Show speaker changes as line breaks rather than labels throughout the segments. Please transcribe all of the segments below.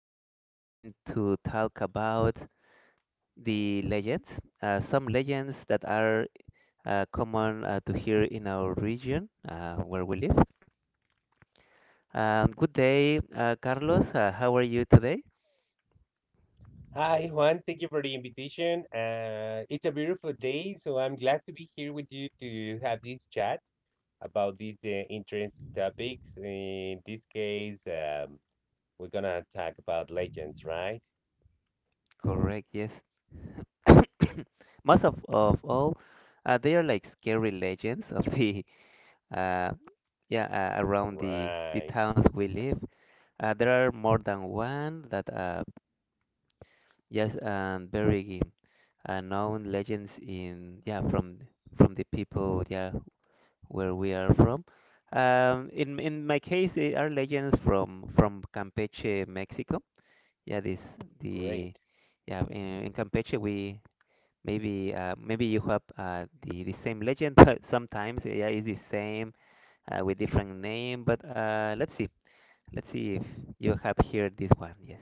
This time we're going to talk about the legends, some legends that are common to hear in our region where we live. Good day, Carlos. How are you today?
Hi, Juan. Thank you for the invitation. It's a beautiful day, so I'm glad to be here with you to have this chat about these interesting topics. In this case, we're gonna talk about legends, right?
Correct, yes. Most of all, they are like scary legends of the uh, yeah around the
Right.
towns we live. There are more than one that yes, and very known legends in, yeah, from the people, yeah, where we are from. In my case, they are legends from Campeche, Mexico. Yeah, this the,
Great.
yeah, in Campeche we maybe maybe you have the same legend, but sometimes yeah, it's the same with different name. But let's see if you have here this one. Yes,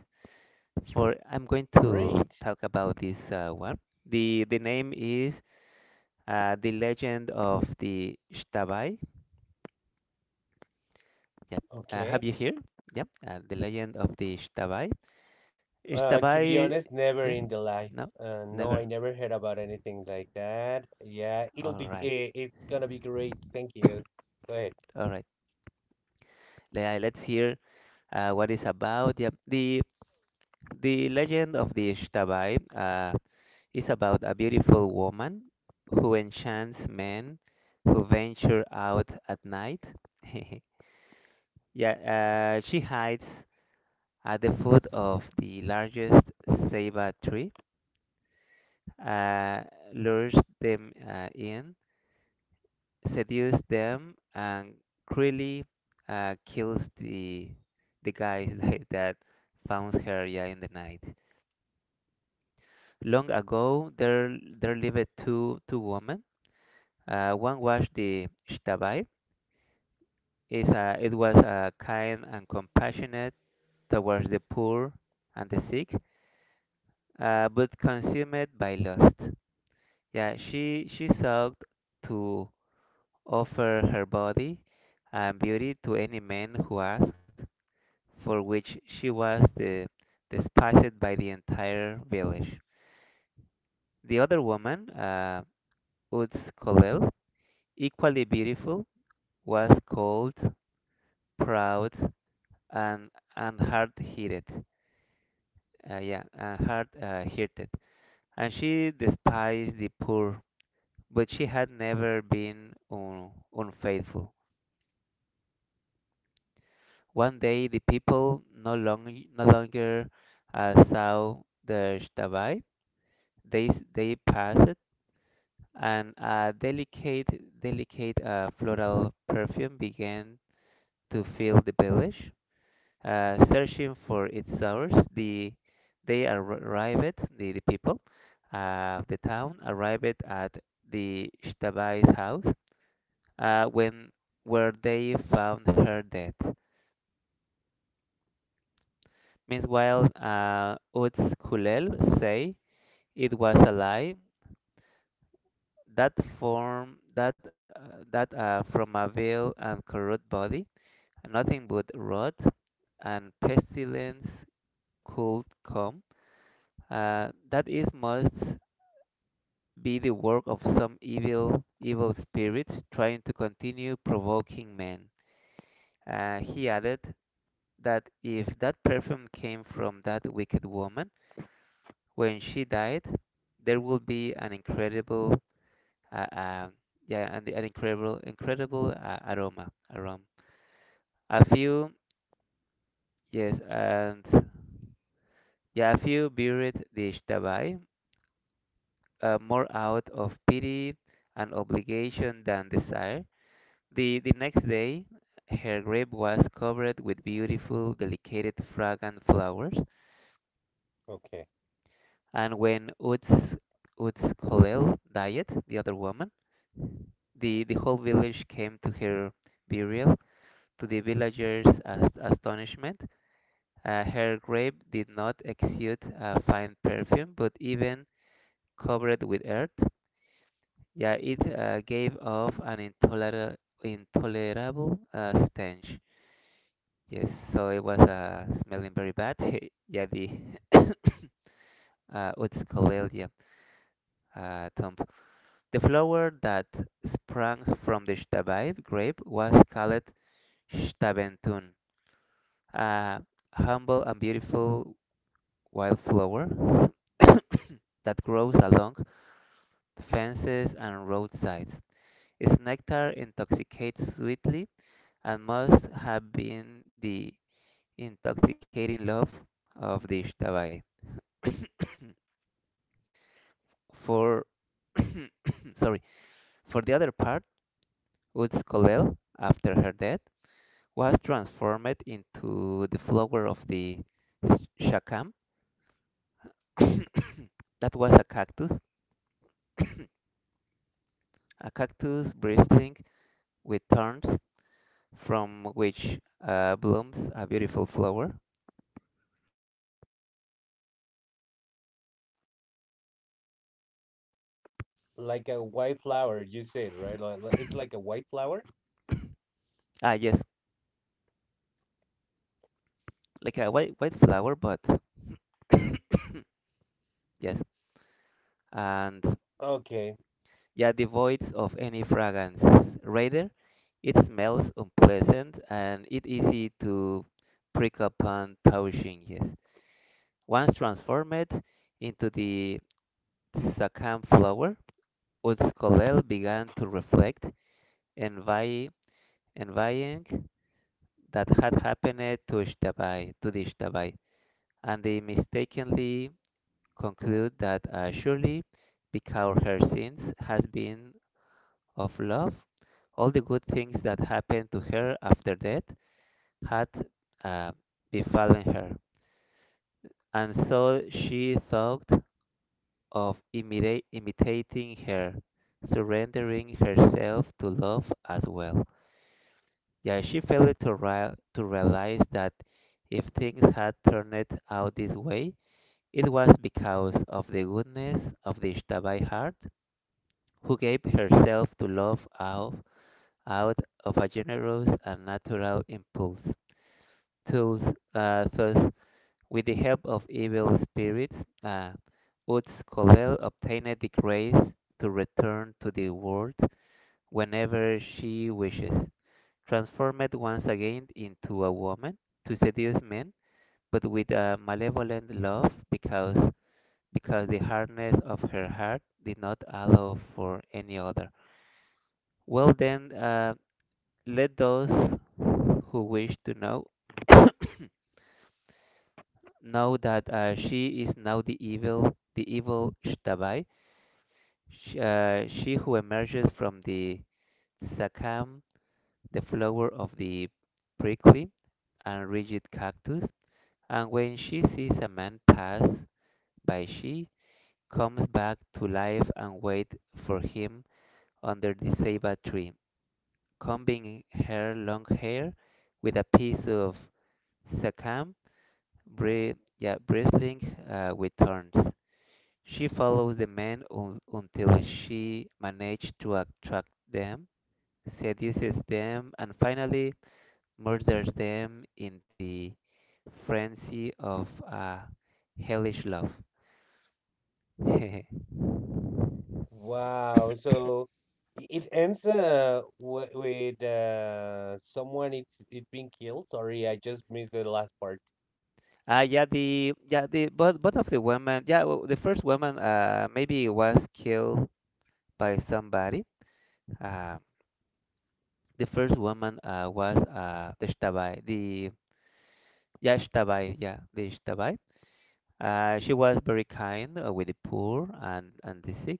for I'm going to
Great.
talk about this one. The name is the Legend of the Shtabai. Yep.
Okay.
Have you here? Yep. The Legend of the Shtabai.
To be
Shtabai.
honest, never
Yeah.
in the life.
No.
No, I
Never.
never heard about anything like that. Yeah, it'll
All
be.
right.
eh, It's gonna be great. Thank you. Go ahead.
All right. Let's hear what it's about. Yep. The legend of the Shtabai is about a beautiful woman who enchants men who venture out at night. Yeah, she hides at the foot of the largest ceiba tree, uh, lures them in, seduces them, and cruelly kills the guys that found her, yeah, in the night. Long ago, there lived two women. One was the Shtabai. Is it was kind and compassionate towards the poor and the sick, but consumed by lust. Yeah, she sought to offer her body and beauty to any man who asked, for which she was the, despised by the entire village. The other woman, Uts Kolel, equally beautiful, was cold, proud, and hard-hearted. Uh, yeah, and hard-hearted, and she despised the poor, but she had never been unfaithful. One day, the people no longer saw the shtabai. They passed, and a delicate, delicate floral perfume began to fill the village. Searching for its source, the people of the town arrived at the shtabai's house, when where they found her dead. Meanwhile, Uts Kulel say it was a lie that form that that from a veil and corrupt body, nothing but rot and pestilence could come. That is must be the work of some evil spirit trying to continue provoking men. He added, that if that perfume came from that wicked woman, when she died, there will be an incredible, uh, um incredible aroma, aroma. A few, yes, and, yeah, a few buried the Ishtabai, more out of pity and obligation than desire. The next day, her grave was covered with beautiful, delicate, fragrant flowers.
Okay.
And when Uts Kolel died, the other woman, the whole village came to her burial. To the villagers' astonishment, her grave did not exude a fine perfume, but even covered with earth, yeah, it gave off an intolerable, intolerable stench. Yes, so it was smelling very bad. Yeah, the, Utskolel, yeah, tomb. The flower that sprang from the Stabite grape was called Stabentun, a humble and beautiful wildflower that grows along fences and roadsides. Its nectar intoxicates sweetly and must have been the intoxicating love of the Ishtabai. For sorry, for the other part, Utskolel, after her death, was transformed into the flower of the shakam. That was a cactus bristling with thorns from which blooms a beautiful flower.
Like a white flower, you said, right? It's like a white flower?
Ah, yes, like a white, white flower, but yes. And,
Okay.
yeah, devoid of any fragrance. Rather, it smells unpleasant and it easy to prick upon touching. Yes, once transformed into the sakam flower, Uzcolel began to reflect, envy, envying that had happened to Ishtabai, and they mistakenly conclude that, surely, because her sins has been of love, all the good things that happened to her after death had uh, befallen her, and so she thought of imitating her, surrendering herself to love as well. Yeah, she failed to, to realize that if things had turned out this way, it was because of the goodness of the Ishtabai heart, who gave herself to love out of a generous and natural impulse. Thus, thus with the help of evil spirits, uh, Utz Kolel obtained the grace to return to the world whenever she wishes, transformed once again into a woman to seduce men, but with a malevolent love because the hardness of her heart did not allow for any other. Well then, let those who wish to know know that, she is now the evil Shtabai, she who emerges from the Sakam, the flower of the prickly and rigid cactus. And when she sees a man pass by, she comes back to life and waits for him under the ceiba tree, combing her long hair with a piece of sacam, bristling with thorns. She follows the men until she manages to attract them, seduces them, and finally murders them in the frenzy of a hellish love.
Wow. So it ends with someone it being killed. Sorry, I just missed the last part.
Ah, yeah, the, yeah, the both of the women, yeah, the first woman, maybe was killed by somebody. Uh, the first woman was the Shtabai, the, yeah, Shtabai, yeah, the Shtabai. She was very kind with the poor and the sick.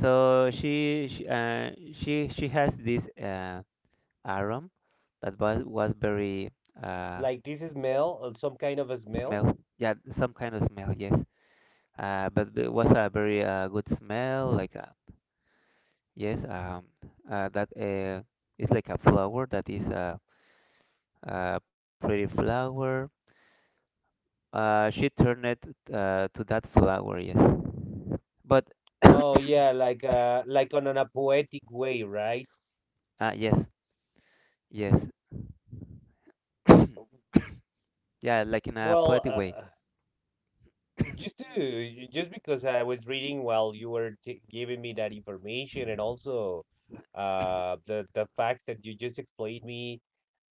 So she has this aroma that was very uh,
Like this smell, some kind of a smell.
smell, yeah, some kind of smell, yes. Uh, but it was a very good smell. Like, yes, that it's like a flower that is a pretty flower. She turned it to that flower. Yes, but,
Oh yeah, like on a poetic way, right?
uh, yes, yes, yeah, like in a
Well,
poetic
uh,
way.
uh, just because I was reading while you were t giving me that information, and also the facts that you just explained me.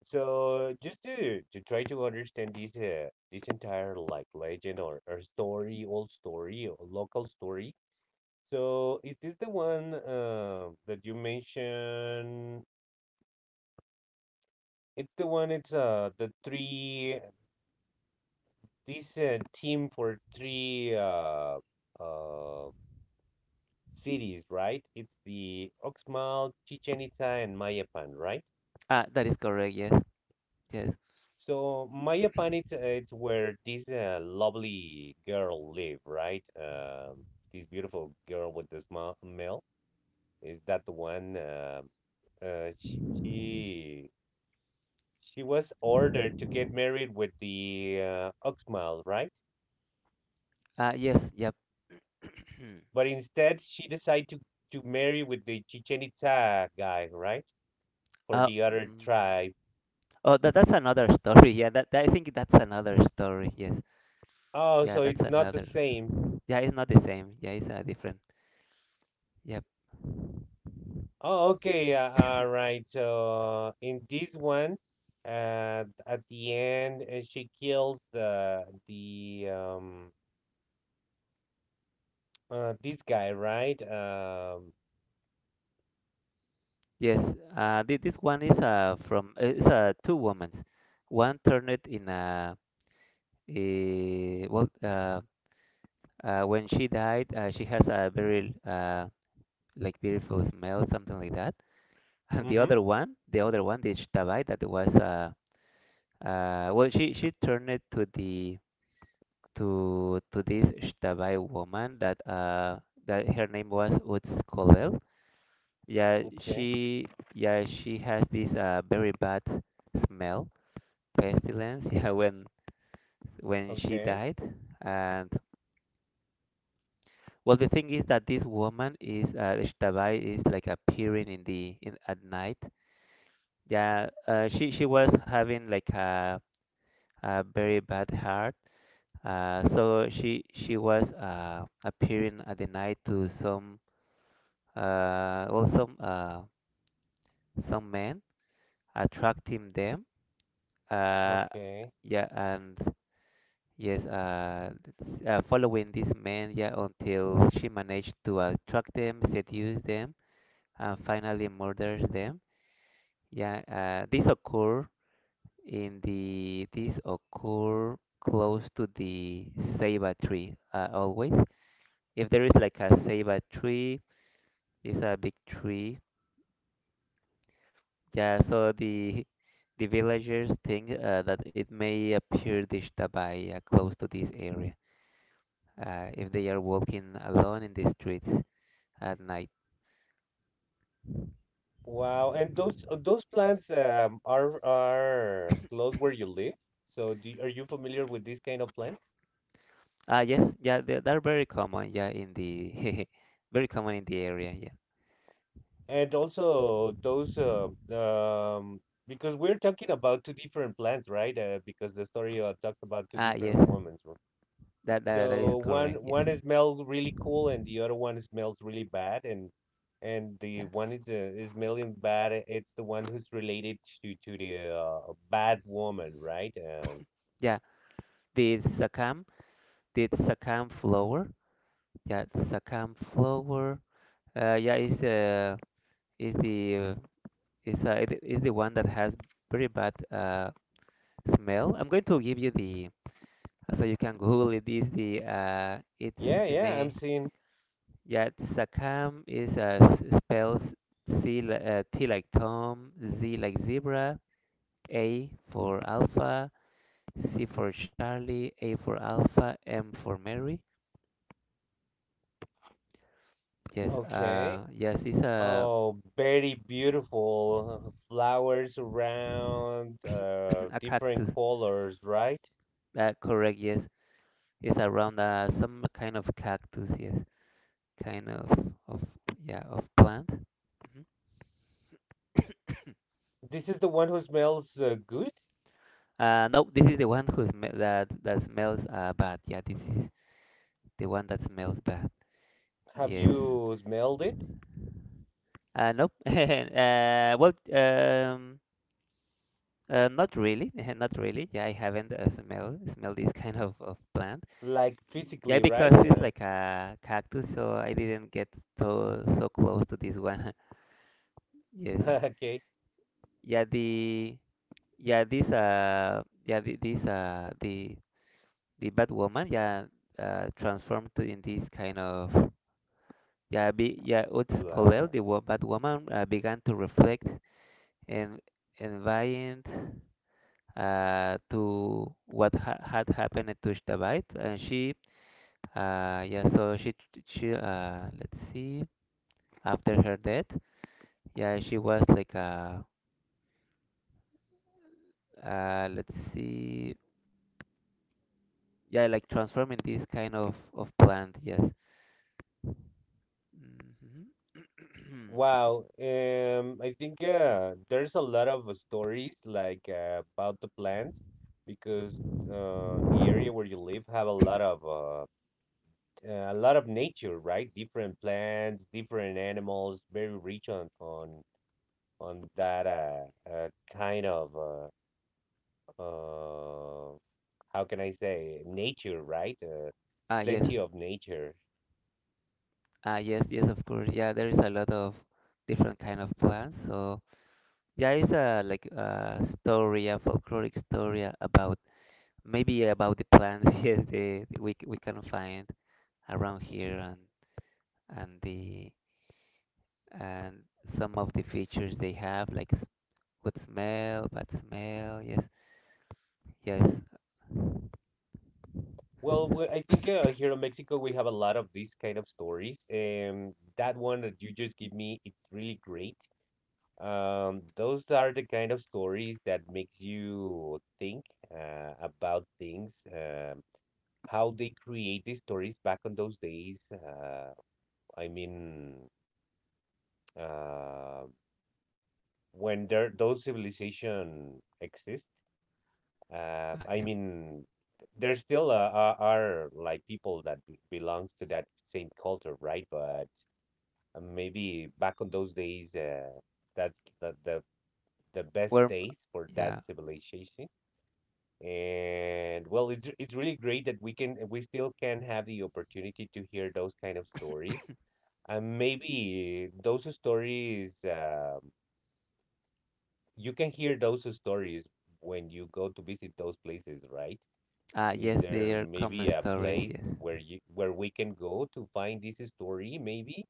So just to try to understand this this entire like legend or story, old story or local story. So is this the one that you mentioned? It's the one. It's the three this team for three uh cities, right? It's the Oxmal, Chichen Itza, and Mayapan, right?
Ah, that is correct. Yes, yes,
So Maya apartment is where this lovely girl live, right? This beautiful girl with the small male. Is that the one? She she was ordered to get married with the Oxmal, right?
yes, yep.
But instead, she decided to marry with the Chichen Itza guy, right? For
uh,
the other
mm,
tribe.
oh, that that's another story. Yeah, that I think that's another story. Yes,
Oh,
yeah,
so
that's
it's not the
another.
same.
Yeah, it's not the same. Yeah, it's different. Yep.
Oh, okay. All right. So in this one, at the end, she kills the this guy, right?
Yes, this one is from it's two women. One turned in, a, eh, well when she died, she has a very like beautiful smell, something like that. And the
Mm-hmm.
other one, the other one, the Shtabai, that was she turned it to the, to this Shtabai woman that that her name was Utz Kolel. Yeah,
Okay.
she has this very bad smell, pestilence. Yeah, when she
Okay.
died. And, well, the thing is that this woman is, Ishtabai, is like appearing in the, in at night, yeah. She was having like a very bad heart, so she was appearing at the night to some, uh well some uh some men, attracting them. Uh
Okay.
yeah and Yes, following these men, yeah, until she managed to attract them, seduce them, and finally murders them. Yeah, this occur in the, this occur close to the ceiba tree, always. If there is like a ceiba tree, it's a big tree. Yeah, so the villagers think, that it may appear disturbed by, close to this area, if they are walking alone in the streets at night.
Wow. And those plants are close where you live. So do are you familiar with these kind of plants?
Ah, yes, yeah, they're very common, yeah, in the, very common in the area, yeah.
And also those um, because we're talking about two different plants, right? Because the story talks about two
Ah,
different
yes,
women. So
that is
so one
correct, yes,
one is smells really cool, and the other one smells really bad. And the
yeah,
one is smelling bad. Uh, it's the one who's related to the bad woman, right?
yeah. The sakam, the yeah, sakam flower, yeah, is the is it is the one that has very bad smell. I'm going to give you the, so you can Google it. Is the, it's
Yeah,
the
yeah. I'm
name.
seeing.
Yeah, Sakam is, spells C, T like Tom, Z like zebra, A for alpha, C for Charlie, A for alpha, M for Mary. Yes,
Okay.
yes, it's a
Oh, very beautiful. Flowers around,
a
different
cactus.
colors, right?
That correct? Yes, it's around some kind of cactus. Yes, kind of of yeah, of plant. Mhm.
This is the one who smells good.
No, this is the one who's that smells bad. Yeah, this is the one that smells bad.
Have
Yes.
you smelled it?
Nope. Well, not really. Not really. Yeah, I haven't smelled this kind of plant.
Like
Yeah,
physically,
because
right?
it's like a cactus, so I didn't get so close to this one. Yes.
Okay.
Yeah, the yeah this yeah the, this the bad woman transformed to in this kind of yeah be yeah Utskolel
Flower.
the wo bad woman began to reflect and enviant. To what ha had happened to Shtabait, and she, yeah, so she, let's see, after her death, yeah, she was like, let's see, yeah, like transforming this kind of plant, yes. hmm
Wow. I think there's a lot of stories like about the plants because the area where you live have a lot of nature, right? Different plants, different animals, very rich on that kind of uh, how can I say nature, right?
Ah, yes,
Plenty of nature.
ah, yes, yes, of course, yeah, there is a lot of different kind of plants, so. Yeah, it's a like a story, a folkloric story about. Maybe about the plants, yes, the we can find around here, and the and some of the features they have, like good smell, bad smell, yes, yes,
I think here in Mexico we have a lot of these kind of stories, and that one that you just give me, it's really great. Those are the kind of stories that makes you think about things. How they create the stories back on those days. I mean, uh, when there those civilization exist,
ah,
I
yeah,
mean, there still are like people that belongs to that same culture, right? But maybe back on those days, that's the best
worm,
days for
yeah,
that civilization. And well, it's really great that we can we still can have the opportunity to hear those kind of stories. And maybe those stories, you can hear those stories when you go to visit those places, right?
ah,
Is
yes, they
there
are
maybe
common
a
stories,
place
yes.
where you where we can go to find this story, maybe?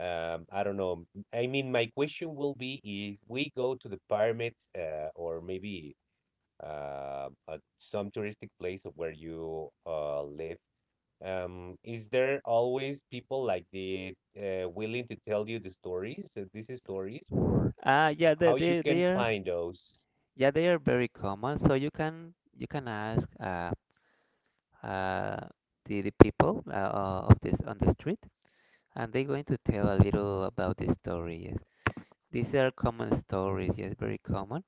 I don't know. I mean, my question will be if we go to the pyramids, or maybe some touristic place of where you live, is there always people like the willing to tell you the stories, these stories, or
Ah, yeah, they
how you
they they
can
are
find those?
yeah they are very common. So you can ask uh the people, of this on the street, and they're going to tell a little about the story. Yes. These are common stories, yes, very common.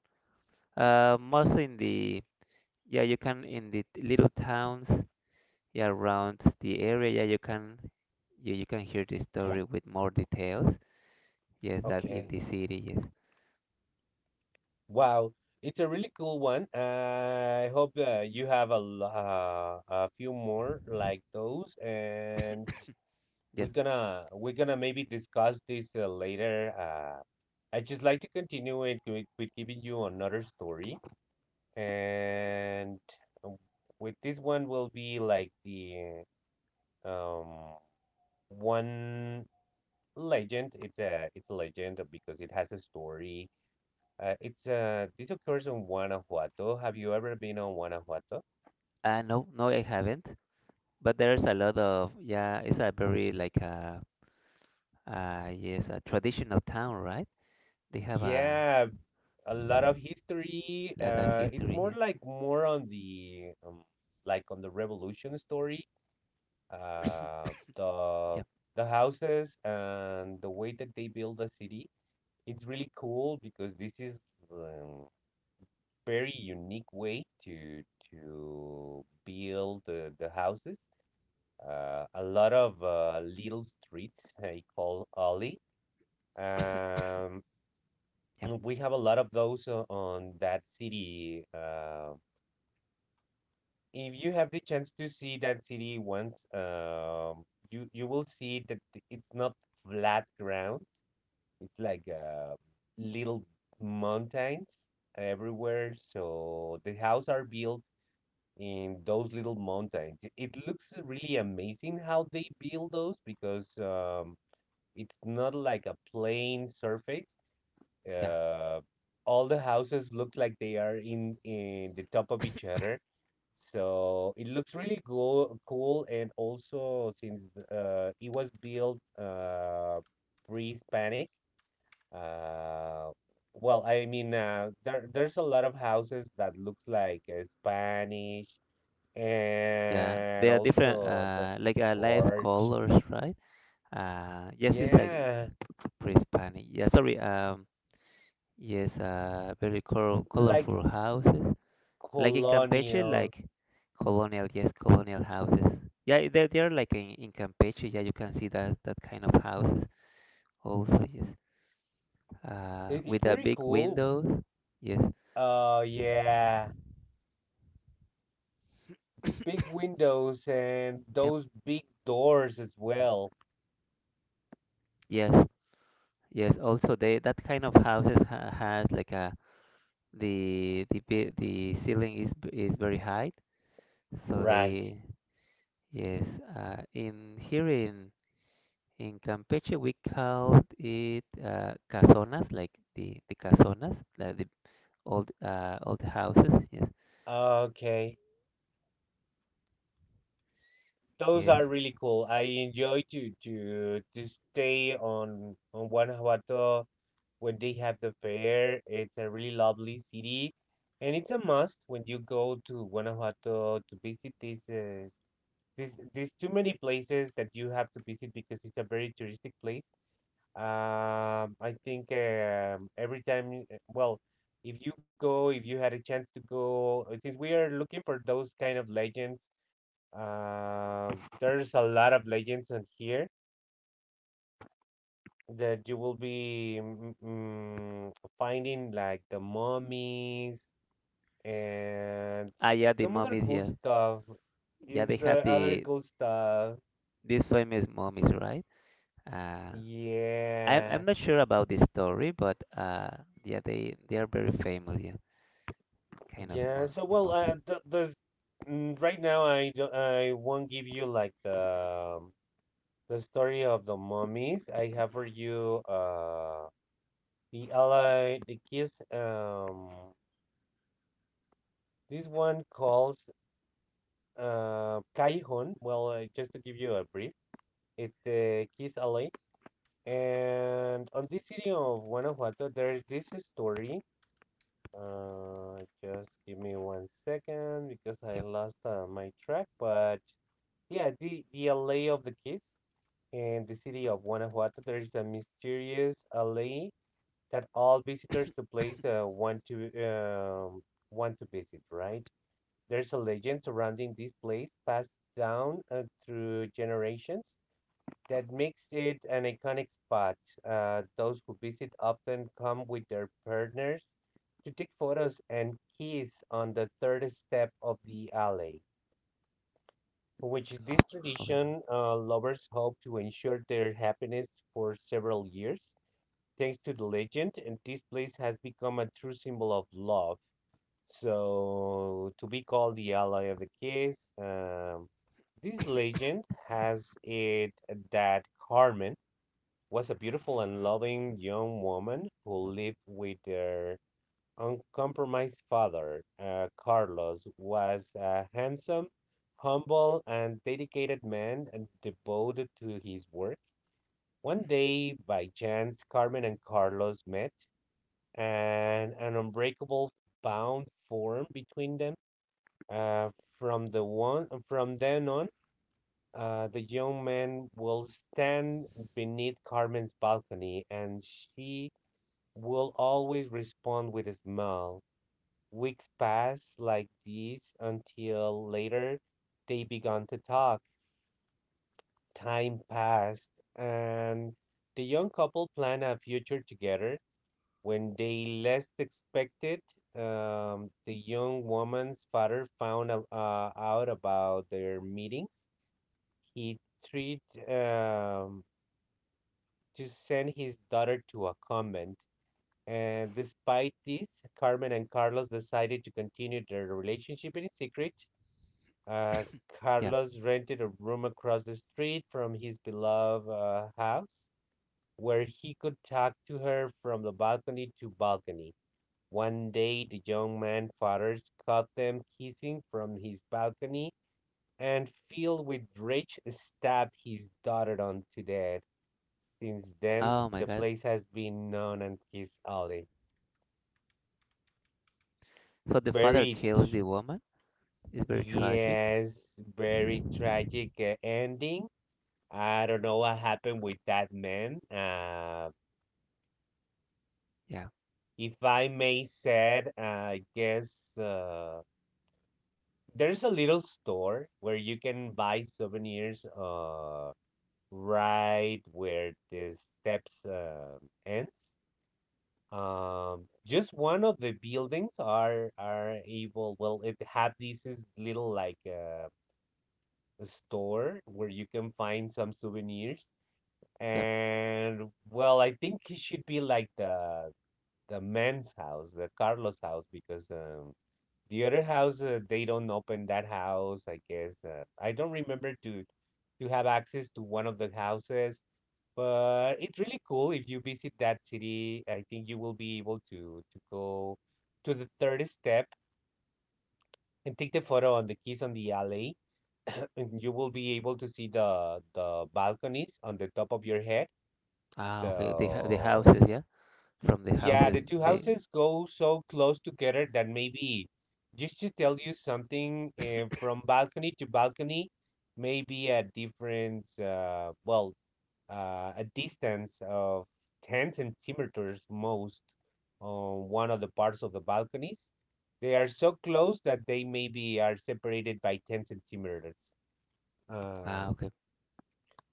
Mostly in the. Yeah, you can in the little towns, yeah, around the area. Yeah, you can hear this story with more details. Yes, that in
Okay.
the city. Yes,
Wow, it's a really cool one. I hope you have a a few more like those, and
yes.
we're gonna maybe discuss this later. I just like to continue it with giving you another story. And um, with this one will be like the um one legend. It's a it's a legend because it has a story. It's This occurs on Guanajuato. Have you ever been on Guanajuato?
No, no, I haven't. But there's a lot of. Yeah, it's a very like a, yes, a traditional town, right? They have a
Yeah, a lot of history.
lot of
It's
history.
more
Yeah,
like More on the like on the revolution story, uh, the
yep,
the houses and the way that they build the city. It's really cool because this is um, very unique way to build the houses. A lot of little streets I call alley. Um,
yep,
we have a lot of those on that city. Uh, if you have the chance to see that city once, you you will see that it's not flat ground. It's like little mountains everywhere. So the houses are built in those little mountains. It looks really amazing how they build those because it's not like a plain surface.
yeah,
Uh, all the houses look like they are in the top of each other. So it looks really cool, cool, and also since it was built pre-Hispanic, uh, well, I mean, there there's a lot of houses that looks like Spanish,
yeah.
and
There are different,
also the
like, life
church.
colors, right? Yes, it's like
Yeah,
pre-Hispanic. Yeah, sorry. Yes, very
like
colorful houses. Like in Campeche,
colonial.
like colonial, yes, colonial houses. Yeah, they are like in, Campeche. Yeah, you can see that that kind of houses also. Yes,
It, it's
with the
very
big
cool.
windows. Yes.
Oh, yeah. Big windows and
Yep.
those big doors as well.
Yes. Yes. Also, they that kind of houses ha has like a the the ceiling is very high, so
Right.
they. Yes, in here in Campeche we called it, casonas, like the casonas, like the old, old houses. Yes,
Okay. Those
yes.
are really cool. I enjoy to stay on Guanajuato when they have the fair. It's a really lovely city, and it's a must when you go to Guanajuato to visit these too many places that you have to visit because it's a very touristic place. I think every time, you, well, if you go, if you had a chance to go, since we are looking for those kind of legends, there's a lot of legends on here that you will be finding, like the mummies and
Ah, yeah, the
some other
mummies.
cool
Yeah,
stuff.
yeah.
Is
They have
other cool stuff?
these famous mummies, right? Uh, I'm
Yeah.
I'm not sure about the story, but, yeah, they are very famous. Yeah, kind of
Yeah, so
the
well,
mummies.
right now I won't give you like the story of the mummies. I have for you the ally the kiss this one calls Kaihon. Well, just to give you a brief, it's the kiss alley, and on this city of Guanajuato, there's this story. Just give me one second because I
Yeah.
lost my track, but. Yeah, the Alley of the Kiss in the city of Guanajuato. There is a mysterious alley that all visitors to place want to visit. Right? There's a legend surrounding this place, passed down through generations, that makes it an iconic spot. Those who visit often come with their partners to take photos and kiss on the third step of the alley, which this
Oh, okay.
tradition lovers hope to ensure their happiness for several years. Thanks to the legend, and this place has become a true symbol of love. So, to be called the ally of the case, this legend has it that Carmen was a beautiful and loving young woman who lived with her uncompromised father. Uh, Carlos was a handsome, humble, and dedicated man and devoted to his work. One day, by chance, Carmen and Carlos met, and an unbreakable bond formed between them. Uh, from then on, the young man will stand beneath Carmen's balcony, and she will always respond with a smile. Weeks passed like this until later they began to talk. Time passed, and the young couple planned a future together. When they least expected, the young woman's father found out about their meetings. He tried um, to send his daughter to a convent. And despite this, Carmen and Carlos decided to continue their relationship in secret. Uh,
Yeah.
Carlos rented a room across the street from his beloved house, where he could talk to her from the balcony to balcony. One day, the young man's father caught them kissing from his balcony, and filled with rage, stabbed his daughter on to death. Since then,
Oh my
the
God.
place has been known as Kiss Alley.
So the father
Very,
kills
tr-
the woman. It's very tragic.
yes, very tragic ending. I don't know what happened with that man.
Yeah.
If I may said, I guess uh, there's a little store where you can buy souvenirs right where the steps ends. Just one of the buildings are able. Well, it had this is little like a store where you can find some souvenirs.
Yeah.
And well, I think it should be like the man's house, the Carlos house, because the other house, they don't open that house. I guess, I don't remember to have access to one of the houses. But it's really cool if you visit that city. I think you will be able to go to the third step and take the photo on the keys on the alley. And you will be able to see the balconies on the top of your head.
Ah, okay. The the
So
houses, yeah. From the
Yeah,
houses,
the two
they.
houses go so close together that maybe, just to tell you something, from balcony to balcony, maybe a difference, a distance of 10 centimeters most, on one of the parts of the balconies. They are so close that they maybe are separated by 10 centimeters.
Ah,
Um
okay.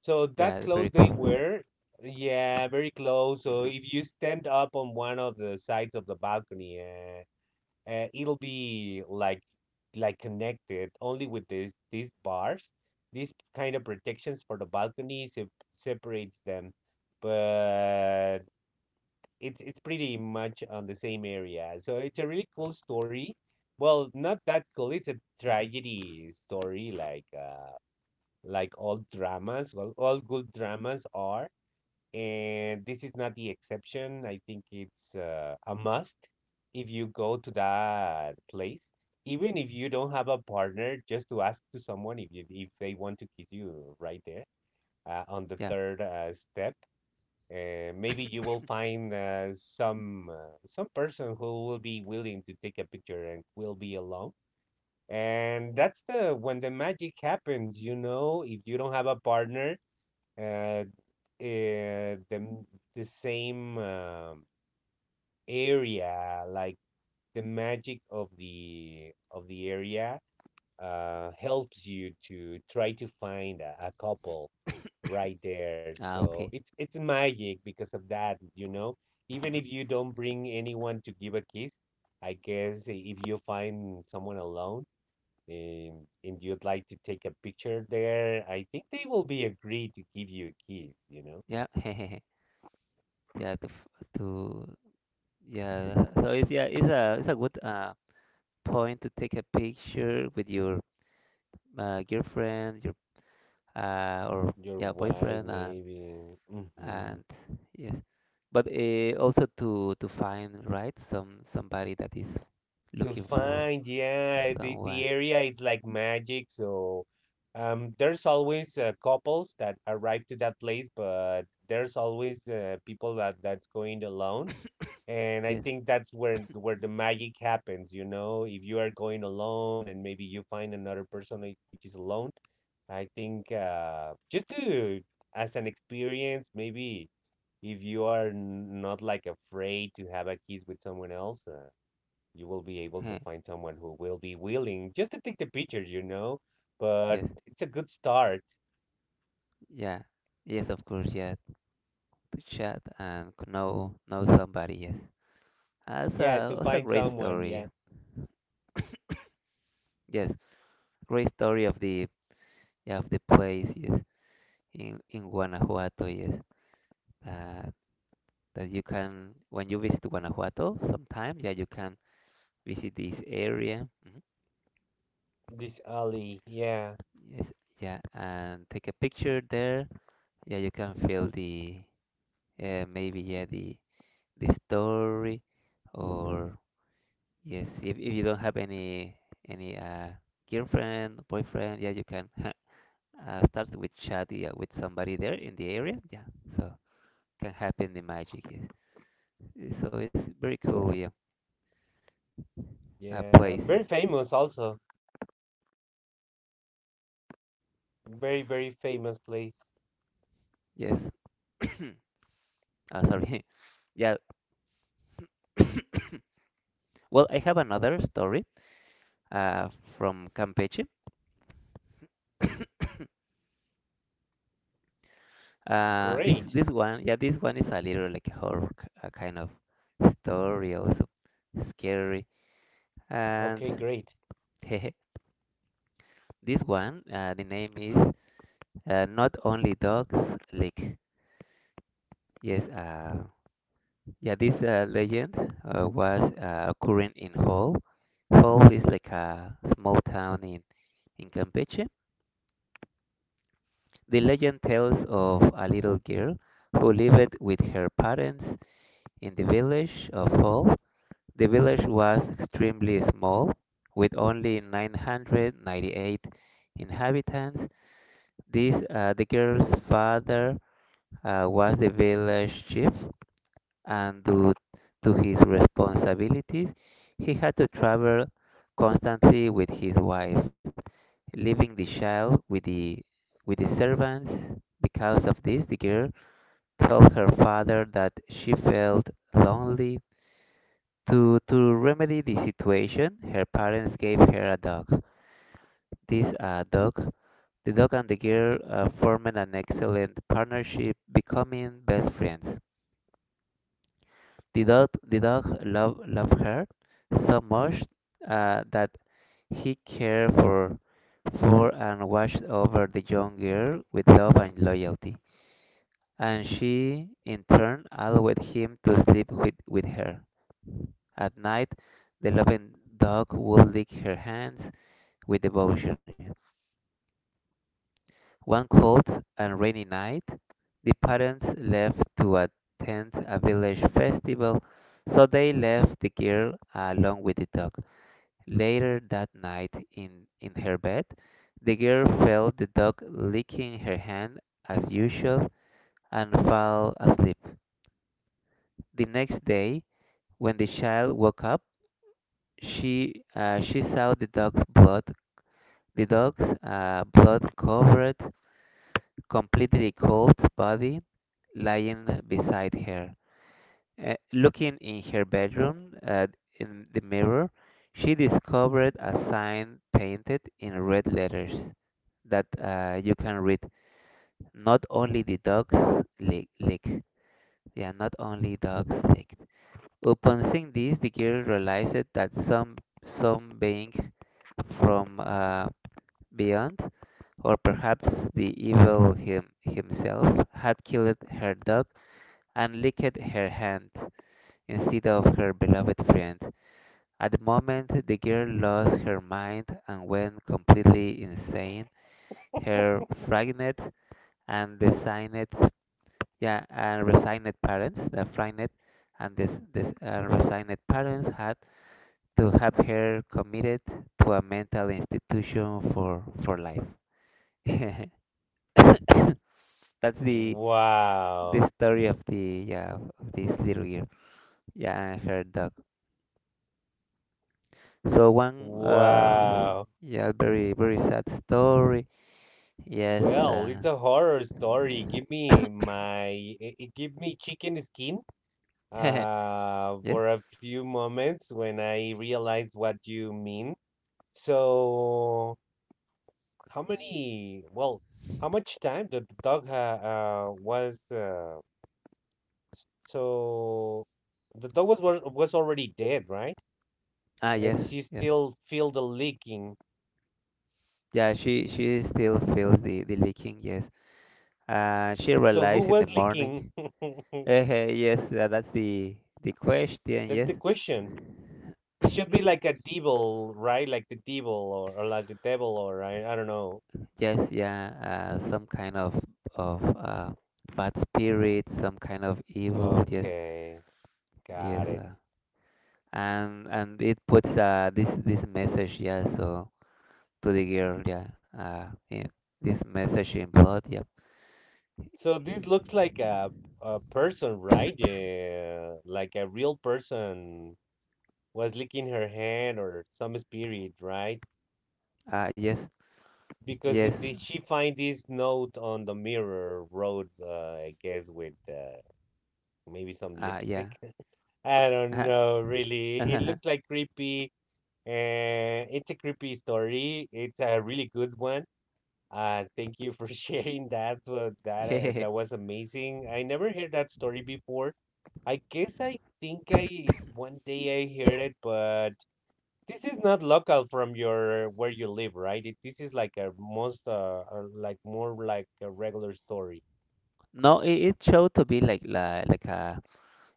so that
Yeah,
clothes
very
they
cool.
wear, yeah, very close. So if you stand up on one of the sides of the balcony, it'll be like connected only with this these bars. These kind of protections for the balcony separates them, but it's pretty much on the same area. So it's a really cool story. Well, not that cool. It's a tragedy story, like all dramas. Well, all good dramas are, and this is not the exception. I think it's a must if you go to that place, even if you don't have a partner, just to ask to someone if you, if they want to kiss you right there, on the
Yeah.
third step. Maybe you will find some person who will be willing to take a picture and will be alone. And that's the when the magic happens, you know, if you don't have a partner, uh, uh, the m- the same, area, like the magic of the area, helps you to try to find a couple right there.
Ah,
So
okay.
it's magic because of that, you know. Even if you don't bring anyone to give a kiss, I guess if you find someone alone, and you'd like to take a picture there, I think they will be agreed to give you a kiss, you know.
Yeah. Yeah. To f- to yeah. So it's yeah. It's a good point to take a picture with your, girlfriend, your, or
Your wife,
boyfriend, and
maybe. Hmm.
and yes, but, also to find right somebody that is
To
looking for
find, yeah, the
someone.
area is like magic. So, there's always couples that arrive to that place, but there's always people that that's going alone. And I
Yes.
think that's where the magic happens, you know. If you are going alone and maybe you find another person which is alone, I think, just to, as an experience, maybe, if you are not like afraid to have a kiss with someone else, you will be able to find someone who will be willing just to take the pictures, you know. But
Yes.
it's a good start,
Yeah, yes, of course, yeah, to chat and know somebody. Yes, that's
yeah,
a
to
that's a
find
great
someone,
story.
yeah.
Yes, great story of the, yeah, of the place. Yes, in, Guanajuato. Yes, uh, that you can when you visit Guanajuato, sometimes, yeah, you can visit this area. Mhm.
This Ali, yeah,
Yes, yeah, and take a picture there. Yeah, you can feel the, maybe, yeah, the story or. Yes, if you don't have any, any uh, girlfriend, boyfriend, yeah, you can start with chat, yeah, with somebody there in the area. Yeah, so can happen the magic. Yes. So it's very cool. Yeah,
yeah,
place.
very famous also. Very, very famous place.
Yes. Sorry. Yeah. Well, I have another story, uh, from Campeche. Uh, this
Great.
this one, yeah, this one is a little like horror, kind of story, also scary
Okay,
and.
great.
hehe, this one, the name is, Not Only Dogs Lick. Yes, yeah, this, legend, was, occurring in Hull. Hull is like a small town in, Campeche. The legend tells of a little girl who lived with her parents in the village of Hull. The village was extremely small, with only 998 inhabitants. The girl's father, was the village chief, and due to his responsibilities, he had to travel constantly with his wife, leaving the child with the servants. Because of this, the girl told her father that she felt lonely. To remedy the situation, her parents gave her a dog. This uh, dog, the dog and the girl, formed an excellent partnership, becoming best friends. Didot loved her so much, that he cared for and watched over the young girl with love and loyalty, and she in turn allowed him to sleep with her. At night, the loving dog would lick her hands with devotion. One cold and rainy night, the parents left to attend a village festival, so they left the girl along with the dog. Later that night, in, her bed, the girl felt the dog licking her hand as usual and fell asleep. The next day, when the child woke up, she saw the dog's blood. The dog's, blood covered completely cold body lying beside her. Looking in her bedroom, in the mirror, she discovered a sign painted in red letters that, you can read. Not only the dogs lick. Yeah, not only dogs lick. Upon seeing this, the girl realized that some being from, beyond, or perhaps the evil himself, had killed her dog and licked her hand instead of her beloved friend. At the moment, the girl lost her mind and went completely insane. Her frightened and designed Yeah, and resigned parents, the frightened and this resigned parents had to have her committed to a mental institution for life. That's the the
Wow.
story of the, yeah, of this little girl. Yeah, and her dog. So one,
Wow.
yeah very, very sad story. Yes.
Well, it's a horror story. Give me my, give me chicken skin,
Yes.
for a few moments when I realize what you mean. So, how many, well, how much time did the dog ha was so the dog was was already dead, right?
Ah,
And
yes.
she
Yeah.
still feel the leaking.
Yeah. She still feels the leaking. Yes. She
So who
realized in the
was leaking?
morning. Yes, that's the question.
That's the
Yes,
question. It should be like a devil, right? Like the devil or like the devil or, I don't know.
yes, yeah. Some kind of bad spirit, some kind of evil. Yes,
Okay,
yes.
got it.
And it puts, this message. Yeah. So to the girl. Yeah. Yeah. This message in blood. Yeah.
So this looks like a person, right? Yeah, like a real person was licking her hand or some spirit, right?
Yes,
Because
yes.
it, did she find this note on the mirror road? I guess with, maybe some
Yeah.
lipstick. I don't know, really. It looks like creepy, and it's a creepy story. It's a really good one. Thank you for sharing that. That, that was amazing. I never heard that story before. I guess I think I one day I heard it, but this is not local from your where you live, right? It, this is like a most like more like a regular story.
No, it showed to be like a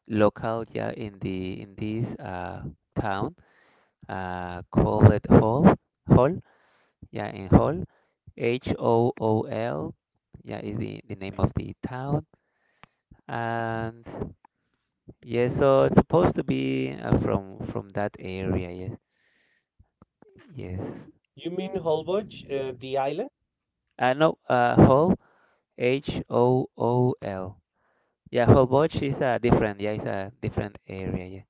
local, yeah, in this, town, call it Hall. Hall yeah, in Hall, HOOL. Yeah, is the name of the town, and yes, so it's supposed to be, from that area, yes, yes,
You mean Holbox, the island?
no, Hall, HOOL. Yeah, Holbox is a different, yeah, it's a different area,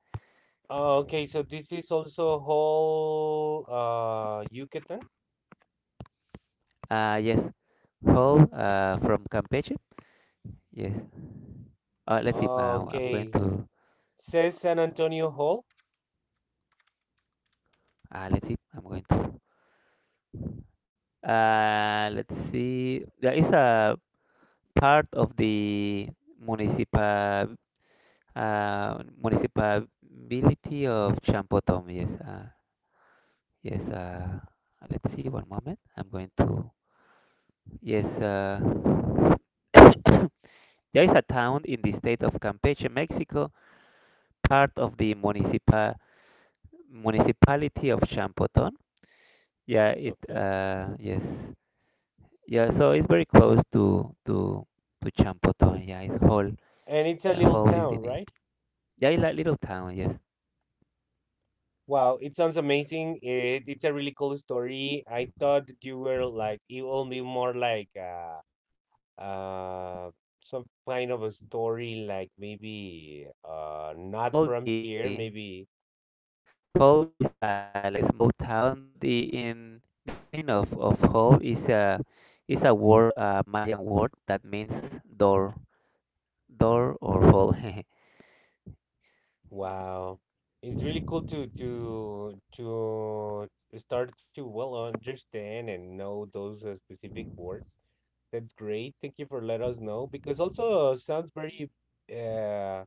Okay, so this is also Hall, uh, Yucatan.
yeah, yes, Hall, from Campeche, yes. Let's see.
Oh,
Now I'm going
okay.
to.
Says San Antonio Hall.
Let's see. I'm going to. Let's see. There is a part of the municipal municipality of Champotón. Yes. Yes. Let's see. One moment. I'm going to. Yes. There is a town in the state of Campeche, Mexico, part of the municipality of Champoton. Yeah, it,
Okay.
yes. Yeah, so it's very close to Champoton. Yeah, it's Hall.
And it's a
Yeah,
little
Hall is the
town,
name.
right?
Yeah, it's like little town. Yes.
Wow, it sounds amazing. It, it's a really cool story. I thought you were like it will be more like uh some kind of a story, like
Yeah, like
maybe,
Hall.
uh, not
Hall,
from here,
the,
maybe.
yeah. Hall is a like a small town, but the in the meaning of Hall is a, is a word, a Mayan word that means door, or hall.
Wow. It's really cool to start to well understand and know those specific words. That's great. Thank you for let us know, because also sounds very, uh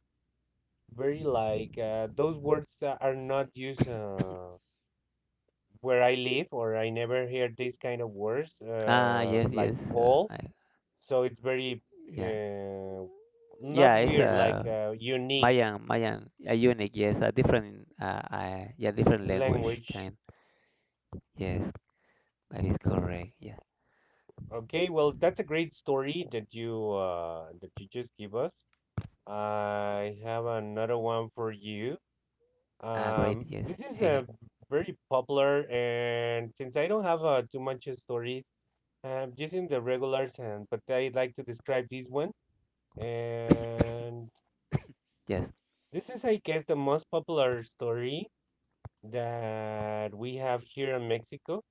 very, like, those words, are not used where I live, or I never hear these kind of words
Ah, yes,
like
yes.
whole. So it's very,
Yeah,
uh not
yeah. It's
weird, like,
a
unique
Mayan, Mayan, a unique, yes, a different, different language
language.
kind. Yes, that is correct. Yeah.
Okay, well, that's a great story that you, that you just give us. I have another one for you.
Ah, great. Yes.
This is a very popular, and since I don't have too much stories, I'm using the regulars, and but I like to describe this one. And
Yes.
this is, I guess, the most popular story that we have here in Mexico.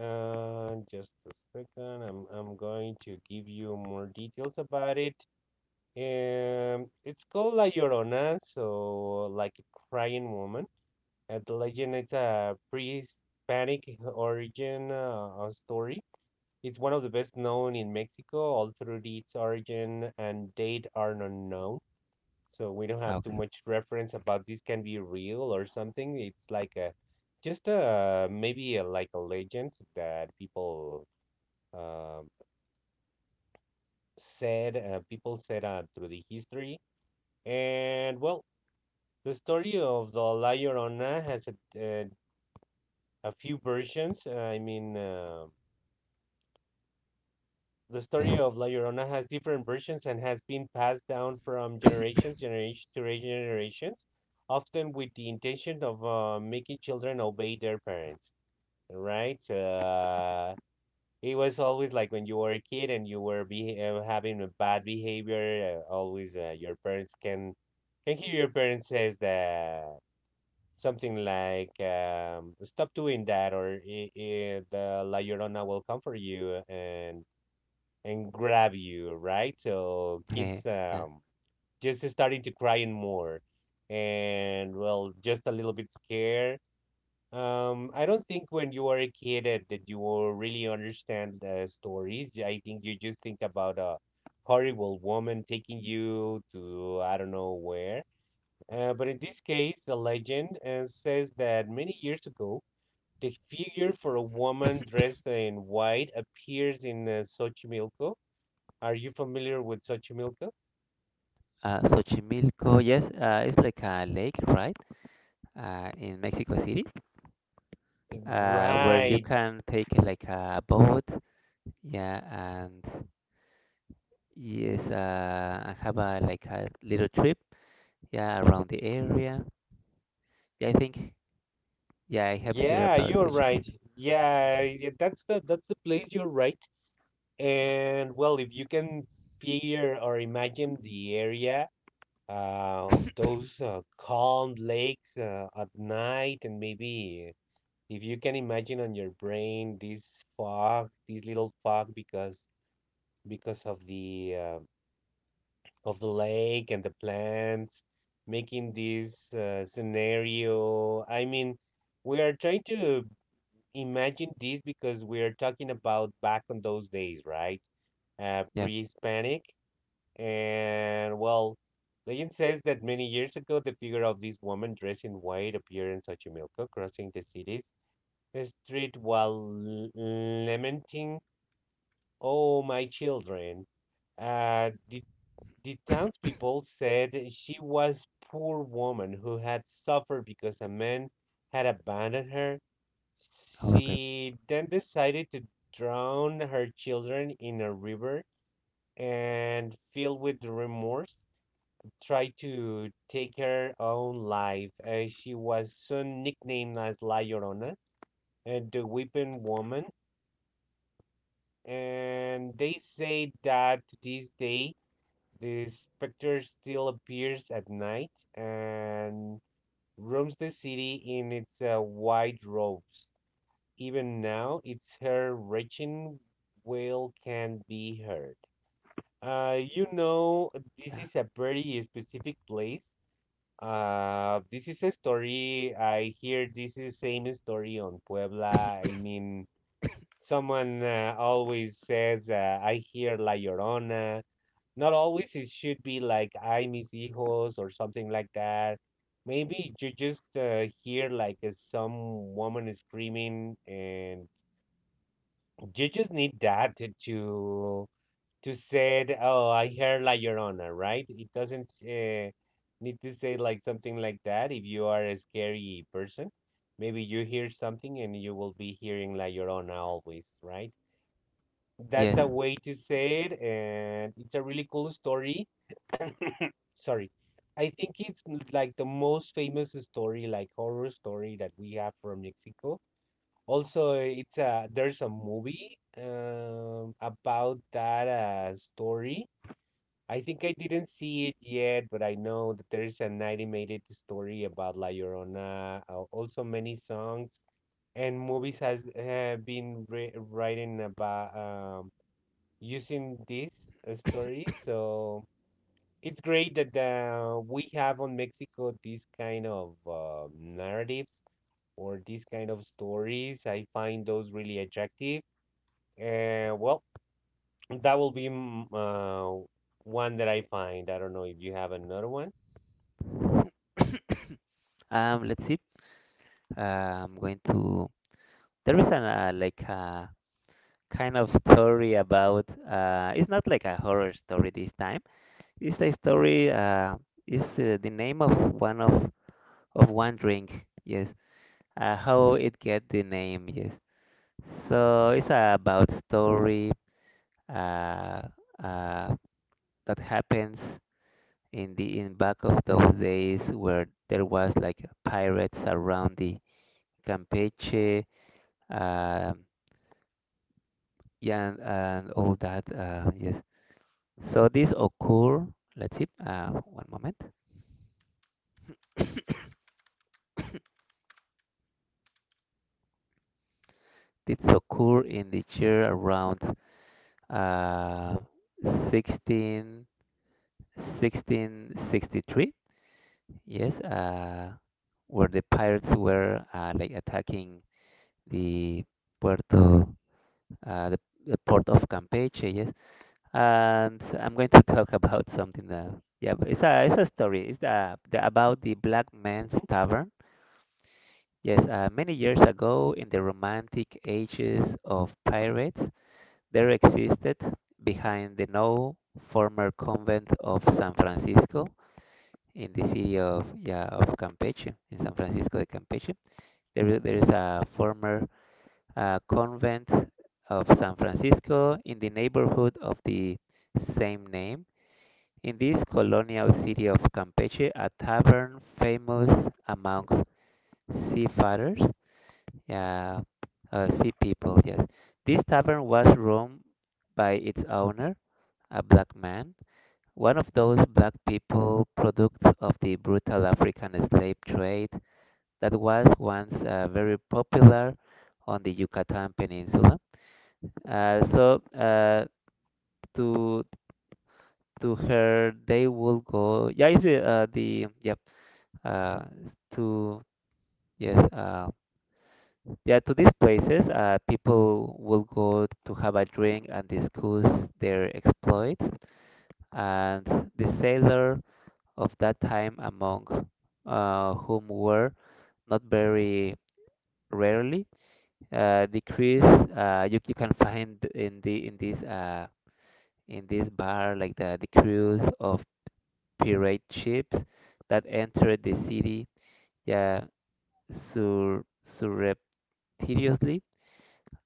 Just a second, I'm going to give you more details about it. It's called La Llorona, so like a crying woman. And the legend it's a pre-Hispanic origin story. It's one of the best known in Mexico, all through its origin and date are not known. So we don't have
Ah,
too
okay.
much reference about this can be real or something. It's like a, just a, maybe a, like a legend that people, um said, people said, through the history. And well, the story of the La Llorona has uh, a few versions. I mean, the story
Yes.
of La Llorona has different versions and has been passed down from generations, generation to generations, often with the intention of making children obey their parents. Right? So, uh, it was always like when you were a kid and you were having a bad behavior. Always, your parents can hear your parents says that. Something like, "Stop doing that," or I the La Llorona will come for you and grab you, right? So kids,
Yeah.
just starting to crying more, and well, just a little bit scared. I don't think when you are a kid that, that you will really understand the stories. Yeah, I think you just think about a horrible woman taking you to I don't know where, but in this case, the legend, says that many years ago, the figure for a woman dressed in white appears in, Xochimilco. Are you familiar with Xochimilco?
Xochimilco, yes, it's like a lake, right? In Mexico City, where you
Right.
can take, like a boat, yeah, and yes, have a like a little trip, yeah, around the area. Yeah, I think, yeah, I have heard
Yeah,
about
you're right.
Xochimilco.
Yeah, yeah, that's the place, you're right. And well, if you can figure or imagine the area, those calm lakes at night, and maybe, if you can imagine on your brain this fog, this little fog because of the, of the lake and the plants, making this scenario. I mean, we are trying to imagine this because we are talking about back on those days, right?
Yeah.
pre-Hispanic, and well, legend says that many years ago, the figure of this woman dressed in white appeared in Xochimilco, crossing the cities street while lamenting, "Oh, my children." Uh, the, the townspeople said she was poor woman who had suffered because a man had abandoned her.
Okay.
She then decided to drown her children in a river, and filled with remorse, tried to take her own life. She was soon nicknamed as La Llorona, and the weeping woman. And they say that to this day the specter still appears at night and roams the city in its white robes. Even now, its her reaching wail can be heard. You know, this
Yeah.
is a very specific place. This is a story. I hear this is the same story on Puebla. I mean, someone, always says, I hear La Llorona. Not always, it should be like, I mis hijos or something like that. Maybe you just hear like some woman is screaming, and you just need that to say, oh, I hear La Llorona, right? It doesn't need to say like something like that if you are a scary person. Maybe you hear something and you will be hearing La Llorona always, right? That's a
Yes.
way to say it, and it's a really cool story. Sorry. I think it's like the most famous story, like horror story that we have from Mexico. Also, it's a there's a movie about that story. I think I didn't see it yet, but I know that there's an animated story about La Llorona. Also, many songs and movies has have been re writing about using this story. So it's great that we have on Mexico these kind of narratives or these kind of stories. I find those really attractive. Well, that will be one that I find. I don't know if you have another one
Let's see. I'm going
are
to. There is an, like a kind of story about. It's not like a horror story this time. It's a story. Is the name of one of one drink. Yes. How it get the name? Yes. So it's about story. Uh, uh, that happens in the in back of those days where there was like pirates around the Campeche, uh, yeah, and all that. Yes. So this occur. Let's see. One moment. This occur in the year around, uh, 16, 1663. Yes. Where the pirates were, like attacking the Puerto, uh, the, the port of Campeche. Yes. And I'm going to talk about something that, yeah, but it's a story. It's the about the Black
hmm.
Man's Tavern. Yes, many years ago in the Romantic ages of pirates, there existed behind the now former convent of San Francisco in the city of Campeche, in San Francisco de Campeche. There is a former convent of San Francisco in the neighborhood of the same name. In this colonial city of Campeche, a tavern famous among seafarers, uh, sea people, yes. This tavern was run by its owner, a black man, one of those black people products of the brutal African slave trade that was once very popular on the Yucatan Peninsula. Uh, so uh, to to her, they will go. Yeah, it's the yeah uh, to yes yeah to these places people will go to have a drink and discuss their exploits, and the sailor of that time, among whom were not very rarely the crews. You can find in the in this bar, like the crews of pirate ships that entered the city, yeah, sur surreptitiously,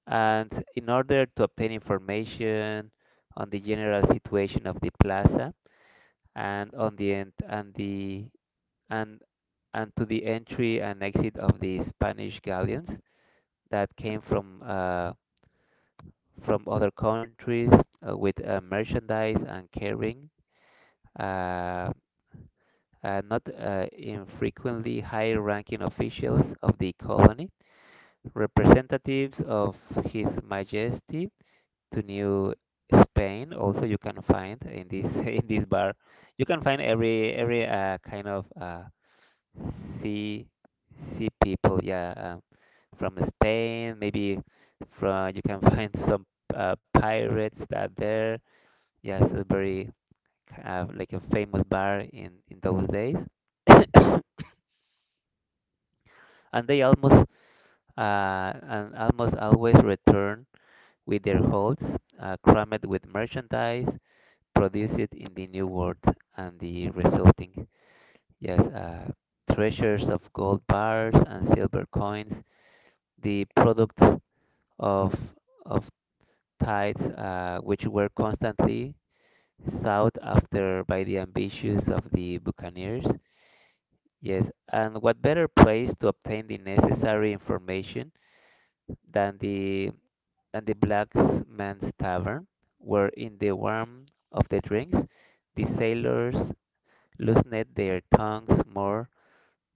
and in order to obtain information on the general situation of the plaza and on the end and the and and to the entry and exit of the Spanish galleons that came from other countries with merchandise, and carrying uh, not infrequently high-ranking officials of the colony, representatives of His Majesty to New Spain. Also, you can find in this in this bar, you can find every kind of sea sea people. Yeah, from Spain, maybe, from you can find some pirates that there. Yeah, it's a very like a famous bar in those days, and they almost and almost always return with their holds crammed with merchandise produce it in the new world, and the resulting yes uh, treasures of gold bars and silver coins, the product of of tithes, which were constantly sought after by the ambitions of the buccaneers. Yes, and what better place to obtain the necessary information than the blacksmith's tavern, where in the warmth of the drinks the sailors loosened their tongues more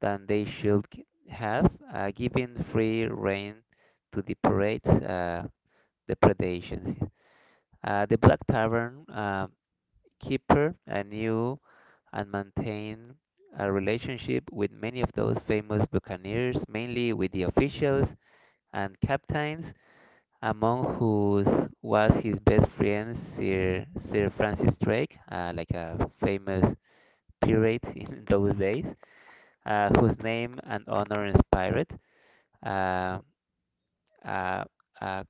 than they should have, giving free rein to the pirates' depredations. The Black Tavern keeper knew and maintained a relationship with many of those famous buccaneers, mainly with the officials and captains, among whose was his best friend Sir Francis Drake, like a famous pirate in those days, whose name and honor inspired uh, uh, a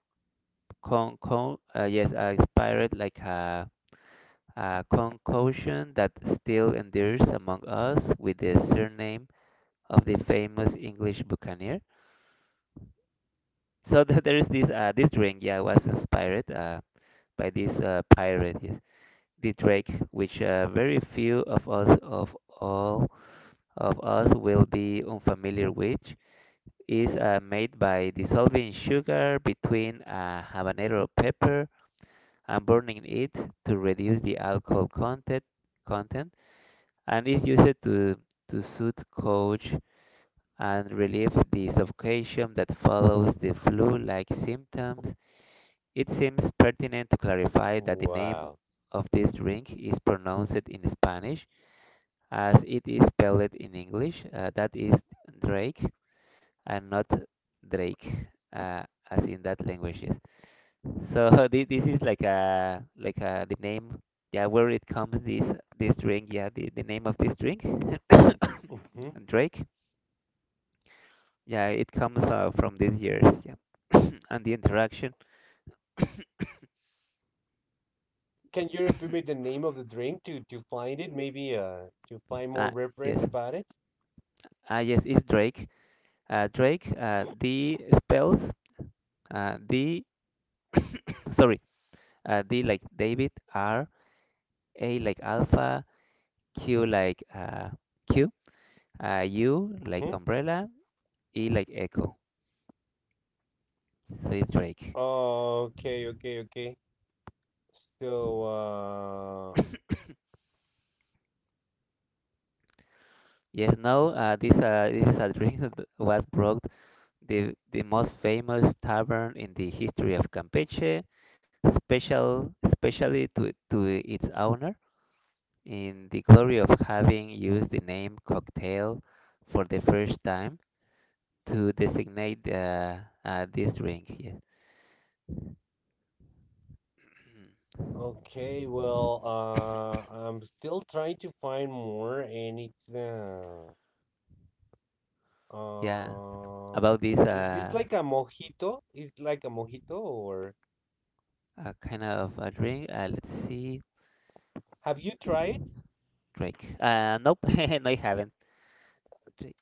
con, con yes inspired like a concussion that still endures among us with the surname of the famous English buccaneer. So there is this this drink, yeah, was inspired by this pirate, yes, the Drake, which very few of us will be unfamiliar with, is made by dissolving sugar between a habanero pepper and burning it to reduce the alcohol content, and is used to soothe cough and relieve the suffocation that follows the flu-like symptoms. It seems pertinent to clarify that the name
Wow.
of this drink is pronounced in Spanish as it is spelled in English, that is Drake, and not Drake, uh, as in that language. Yes. So this is like a the name. Yeah, where it comes this this drink. Yeah, the name of this drink,
Hmm.
Drake. Yeah, it comes from these years. Yeah, and the interaction.
Can you repeat me the name of the drink to find it? Maybe to find more
Ah,
reference
yes.
about it.
Ah, yes. It's Drake. Drake. D spells. D. Sorry. D like David. R. A like Alpha. Q like Q. U like
Mm-hmm.
umbrella, E like echo. So it's Drake.
Oh, okay, okay, okay. So,
Yes, no, this is a drink that was brought the most famous tavern in the history of Campeche, special especially to its owner, in the glory of having used the name cocktail for the first time to designate this drink. Yeah,
okay, well, I'm still trying to find more, and
yeah.
um,
About this
is this like a mojito? Is like a mojito, or
kind of a drink, let's see.
have you tried?
Drake. Nope, no, I haven't. Drake.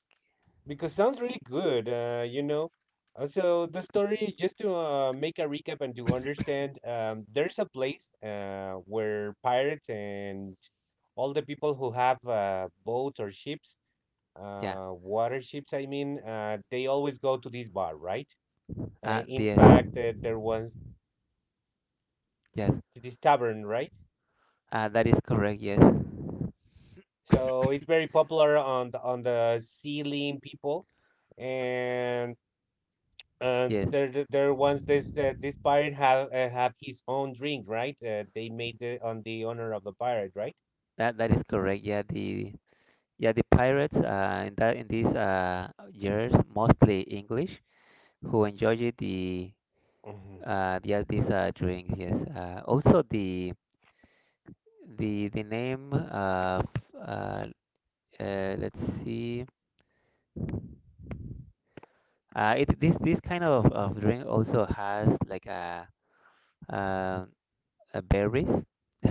Because sounds really good. So the story, just to make a recap and to understand, um, there's a place where pirates and all the people who have boats or ships
Yeah.
water ships, I mean, they always go to this bar, right? uh, in
Yes,
fact, there was
yes.
this tavern, right?
That is correct. Yes,
So it's very popular on the sea lane people and. Uh,
yes.
there, there there once this this pirate have his own drink, right? They made it on the honor of the pirate, right?
That that is correct. Yeah, the yeah the pirates. In these years, mostly English, who enjoy the
Hmm.
yeah these drinks. Yes. Also the the name of uh, let's see. It this This kind of drink also has like a uh, uh berries.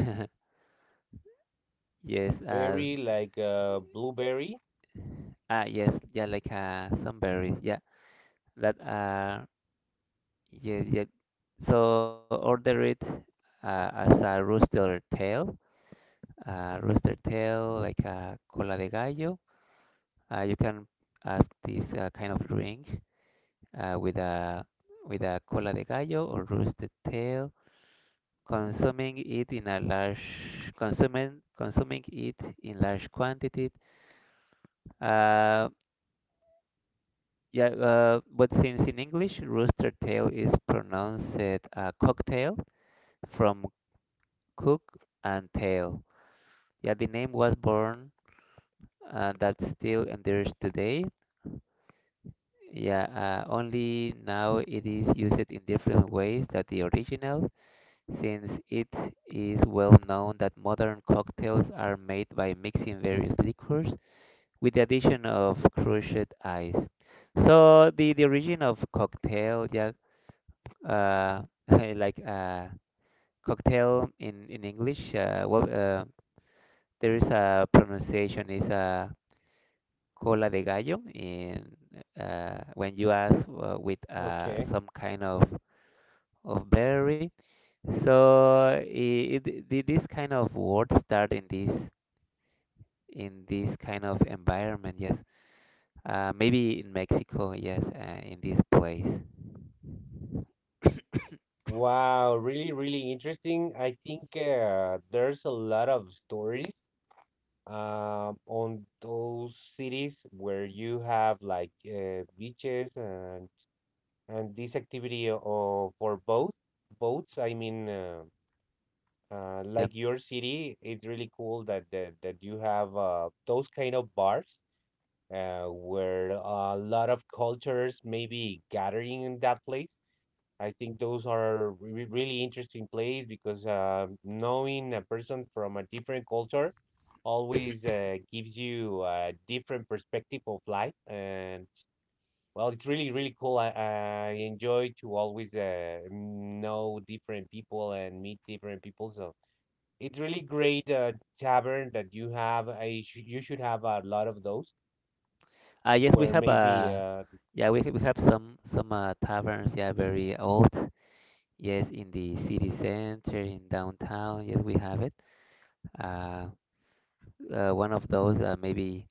Yes,
Berry, like blueberry.
ah, yes, yeah, like some berries, yeah, that yes, yeah. So order it as a rooster tail, like a cola de gallo. You can ask this kind of drink with a cola de gallo or roosted tail, consuming it in a large consuming it in large quantity. Uh, Yeah, but since in English rooster tail is pronounced cocktail, from cook and tail. Yeah, the name was born that still endures today. Yeah, only now it is used in different ways than the original, since it is well known that modern cocktails are made by mixing various liquors with the addition of crushed ice. So the origin of cocktail, yeah, uh, like cocktail in English. Well, there is a pronunciation is cola de gallo in when you ask with
Okay.
some kind of berry. So this kind of words start in this kind of environment. Yes, maybe in Mexico. Yes, in this place. Yep.
Wow, really, really interesting. I think there's a lot of stories on those cities where you have like beaches and this activity o- for both boats, I mean. Like your city, it's really cool that that you have those kind of bars, where a lot of cultures maybe gathering in that place. I think those are re really interesting place because knowing a person from a different culture always gives you a different perspective of life, and well, it's really really cool, I enjoy to always know different people and meet different people. So it's really great tavern that you have. I sh you should have a lot of those
Yes, we
where
have
maybe
yeah, we have some taverns. Yeah, very old. Yes, in the city center, in downtown. Yes, we have it. Uh, One of those maybe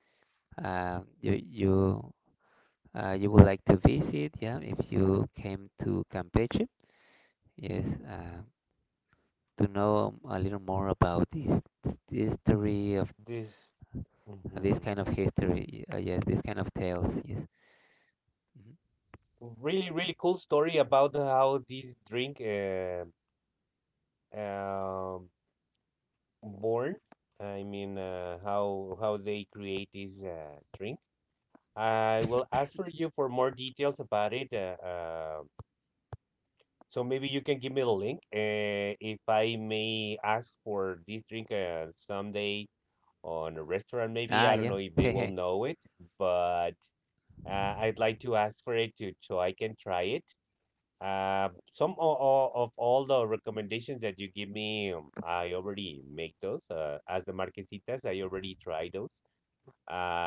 uh, you you you would like to visit. Yeah, if you came to Campeche. Yes, to know a little more about this history of
this.
this
Mhm.
kind of history. Yes, this kind of tales. Yes. Mhm.
Really really cool story about how this drink um born. I mean how they create this drink. I will ask for you for more details about it. So maybe you can give me the link if I may ask for this drink someday on a restaurant, maybe
Ah,
I don't
yeah.
know if they will
Hehe.
know it, but I'd like to ask for it to, so I can try it, um, some o- o- of all the recommendations that you give me, I already make those as the marquesitas. I already tried those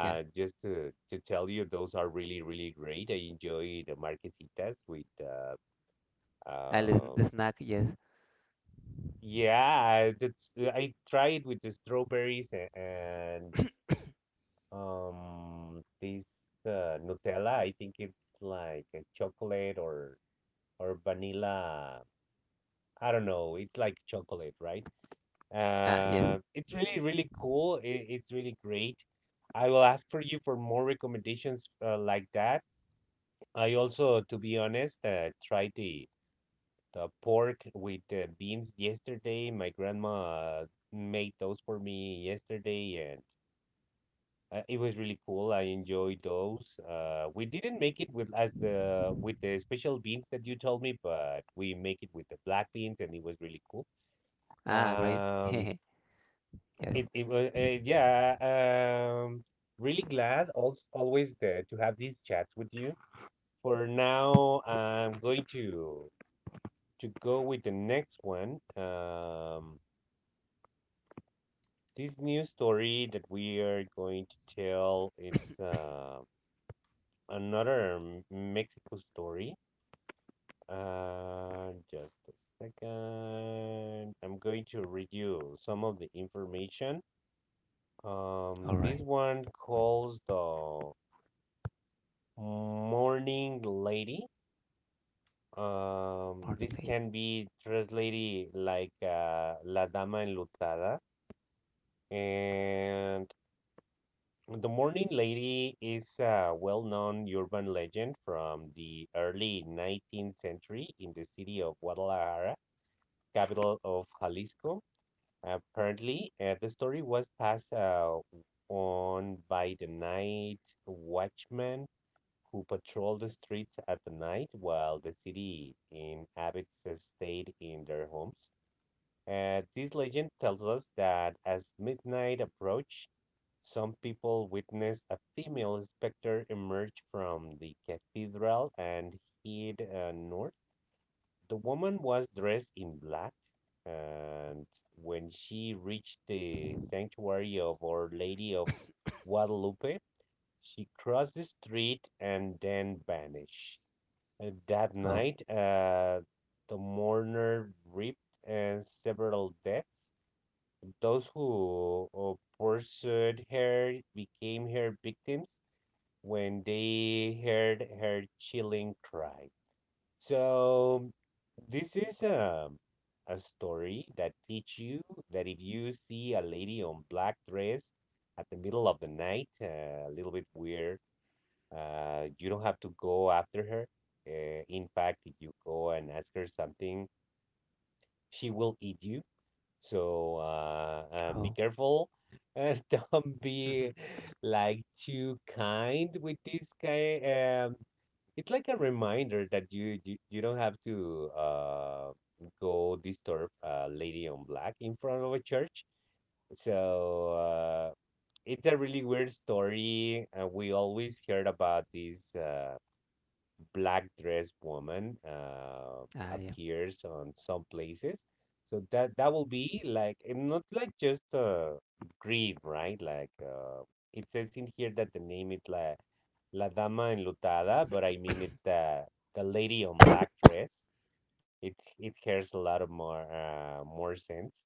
Yeah.
just to tell you, those are really really great. I enjoy the marquesitas with
Ah, the
um
snack, yes.
yeah, that's I try it with the strawberries and this Nutella. I think it's like a chocolate or vanilla. I don't know. It's like chocolate, right?
Ah, yes.
It's really really cool. It, it's really great. I will ask for you for more recommendations like that. I also, to be honest, tried the pork with the beans yesterday. My grandma made those for me yesterday, and. It was really cool. I enjoyed those. We didn't make it with as the with the special beans that you told me, but we make it with the black beans, and it was really cool.
Ah, great.
Um,
Hehe. Yes.
it it was yeah. Um, really glad also always there to have these chats with you. For now, I'm going to go with the next one. This new story that we are going to tell, it's another M- Mexico story. Just a second. I'm going to read you some of the information.
All
This
right.
one calls the morning lady.
Morning
This
lady.
can be translated like La Dama Enlutada. And the morning lady is a well-known urban legend from the early 19th century in the city of Guadalajara, capital of Jalisco. Apparently, the story was passed on by the night watchman who patrolled the streets at the night while the city inhabitants stayed in their homes. This legend tells us that as midnight approached, some people witnessed a female specter emerge from the cathedral and head north. The woman was dressed in black, and when she reached the sanctuary of Our Lady of Guadalupe, she crossed the street and then vanished. That
Oh,
night, the mourner reaped several deaths. Those who pursued her became her victims when they heard her chilling cry. So this is a story that teach you that if you see a lady on black dress at the middle of the night, a little bit weird, you don't have to go after her. In fact, if you go and ask her something, she will eat you. So be
oh.
careful. Don't be like too kind with this guy. It's like a reminder that you don't have to go disturb a lady on black in front of a church. So it's a really weird story. We always heard about this. Black dressed woman
Ah, yeah.
appears on some places. So that that will be like and not like just grief, right? Like it says in here that the name is La Dama Enlutada, but I mean it's the lady on black dress. It hears a lot of more more sense.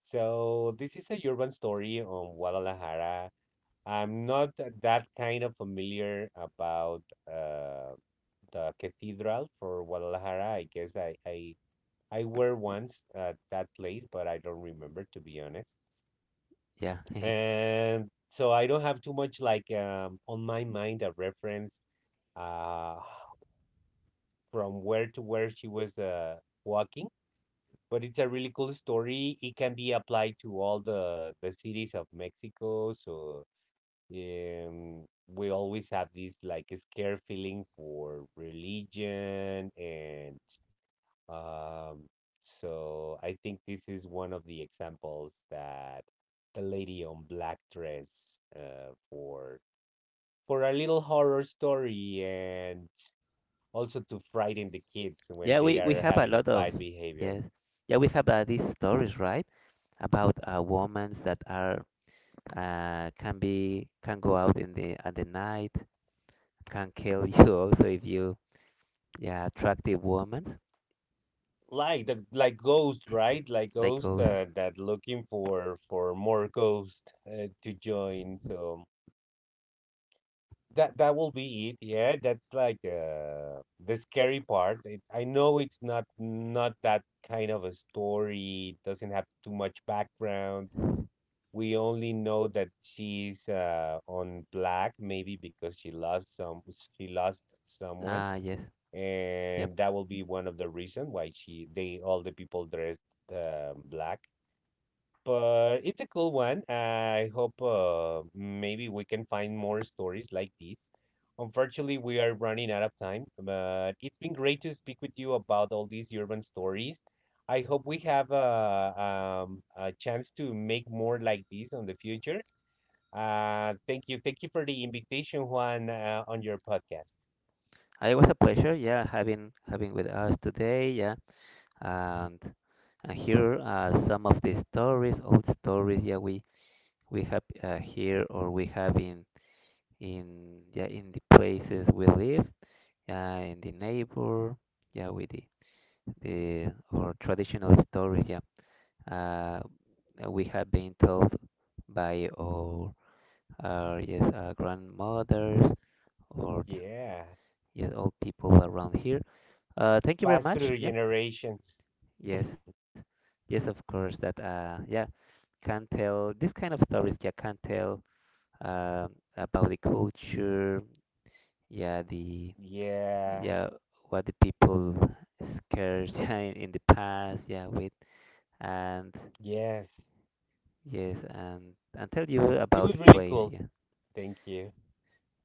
So this is a urban story on Guadalajara. I'm not that kind of familiar about. Uh, the cathedral for Guadalajara. I guess I were once at that place, but I don't remember, to be honest.
Yeah.
And so I don't have too much like on my mind a reference uh from where to where she was walking. But it's a really cool story. It can be applied to all the cities of Mexico. So we always have this like scare feeling for religion and um, so I think this is one of the examples that the lady on black dress for a little horror story and also to frighten the kids when
Yeah,
they
we we
are
have a
having a
lot of
bad behavior.
yes. Yeah, we have these stories, right? About women that are can be can go out in the at the night, can kill you also if you yeah, attractive women
Like the like ghost, right? Like
like
ghost
goes.
that looking for more ghost to join. So that that will be it. Yeah, that's like the scary part. It, I know it's not not that kind of a story. It doesn't have too much background. We only know that she's on black, maybe because she lost some she lost someone,
Ah, yes. Yep.
and that will be one of the reason why she they all the people dressed black. But it's a cool one. I hope maybe we can find more stories like this. Unfortunately, we are running out of time, but it's been great to speak with you about all these urban stories. I hope we have a chance to make more like this on the future. Thank you. Thank you for the invitation, Juan, on your podcast.
It was a pleasure, yeah, having with us today, yeah. Um, And here are some of the stories, old stories. Yeah, we have here or we have in the places we live. Yeah, in the neighbor. Yeah, with the or traditional stories. Yeah, uh, we have been told by our grandmothers or
Yeah.
yes old people around here. Thank you very
Pass
much.
through
Yeah,
generations.
yes, yes, of course that can tell this kind of stories. Yeah, can tell um, about the culture, yeah, the
Yeah.
yeah what the people scares yeah, in the past, yeah, with and
Yes.
yes, and tell you
It
about
was
the
really
place,
cool.
yeah,
Thank you.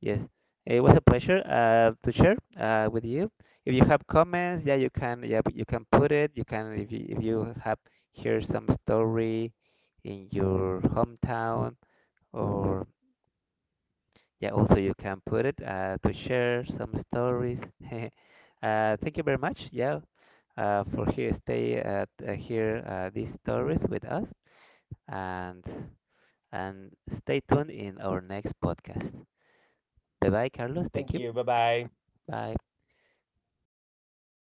yes. It was a pleasure to share with you. If you have comments, yeah, you can put it. You can if you have hear some story in your hometown, or yeah, also you can put it to share some stories. uh, Thank you very much, yeah, for here stay at here these stories with us, and stay tuned in our next podcast. Bye bye, Carlos. Thank
Thank
you.
you. Bye bye.
Bye.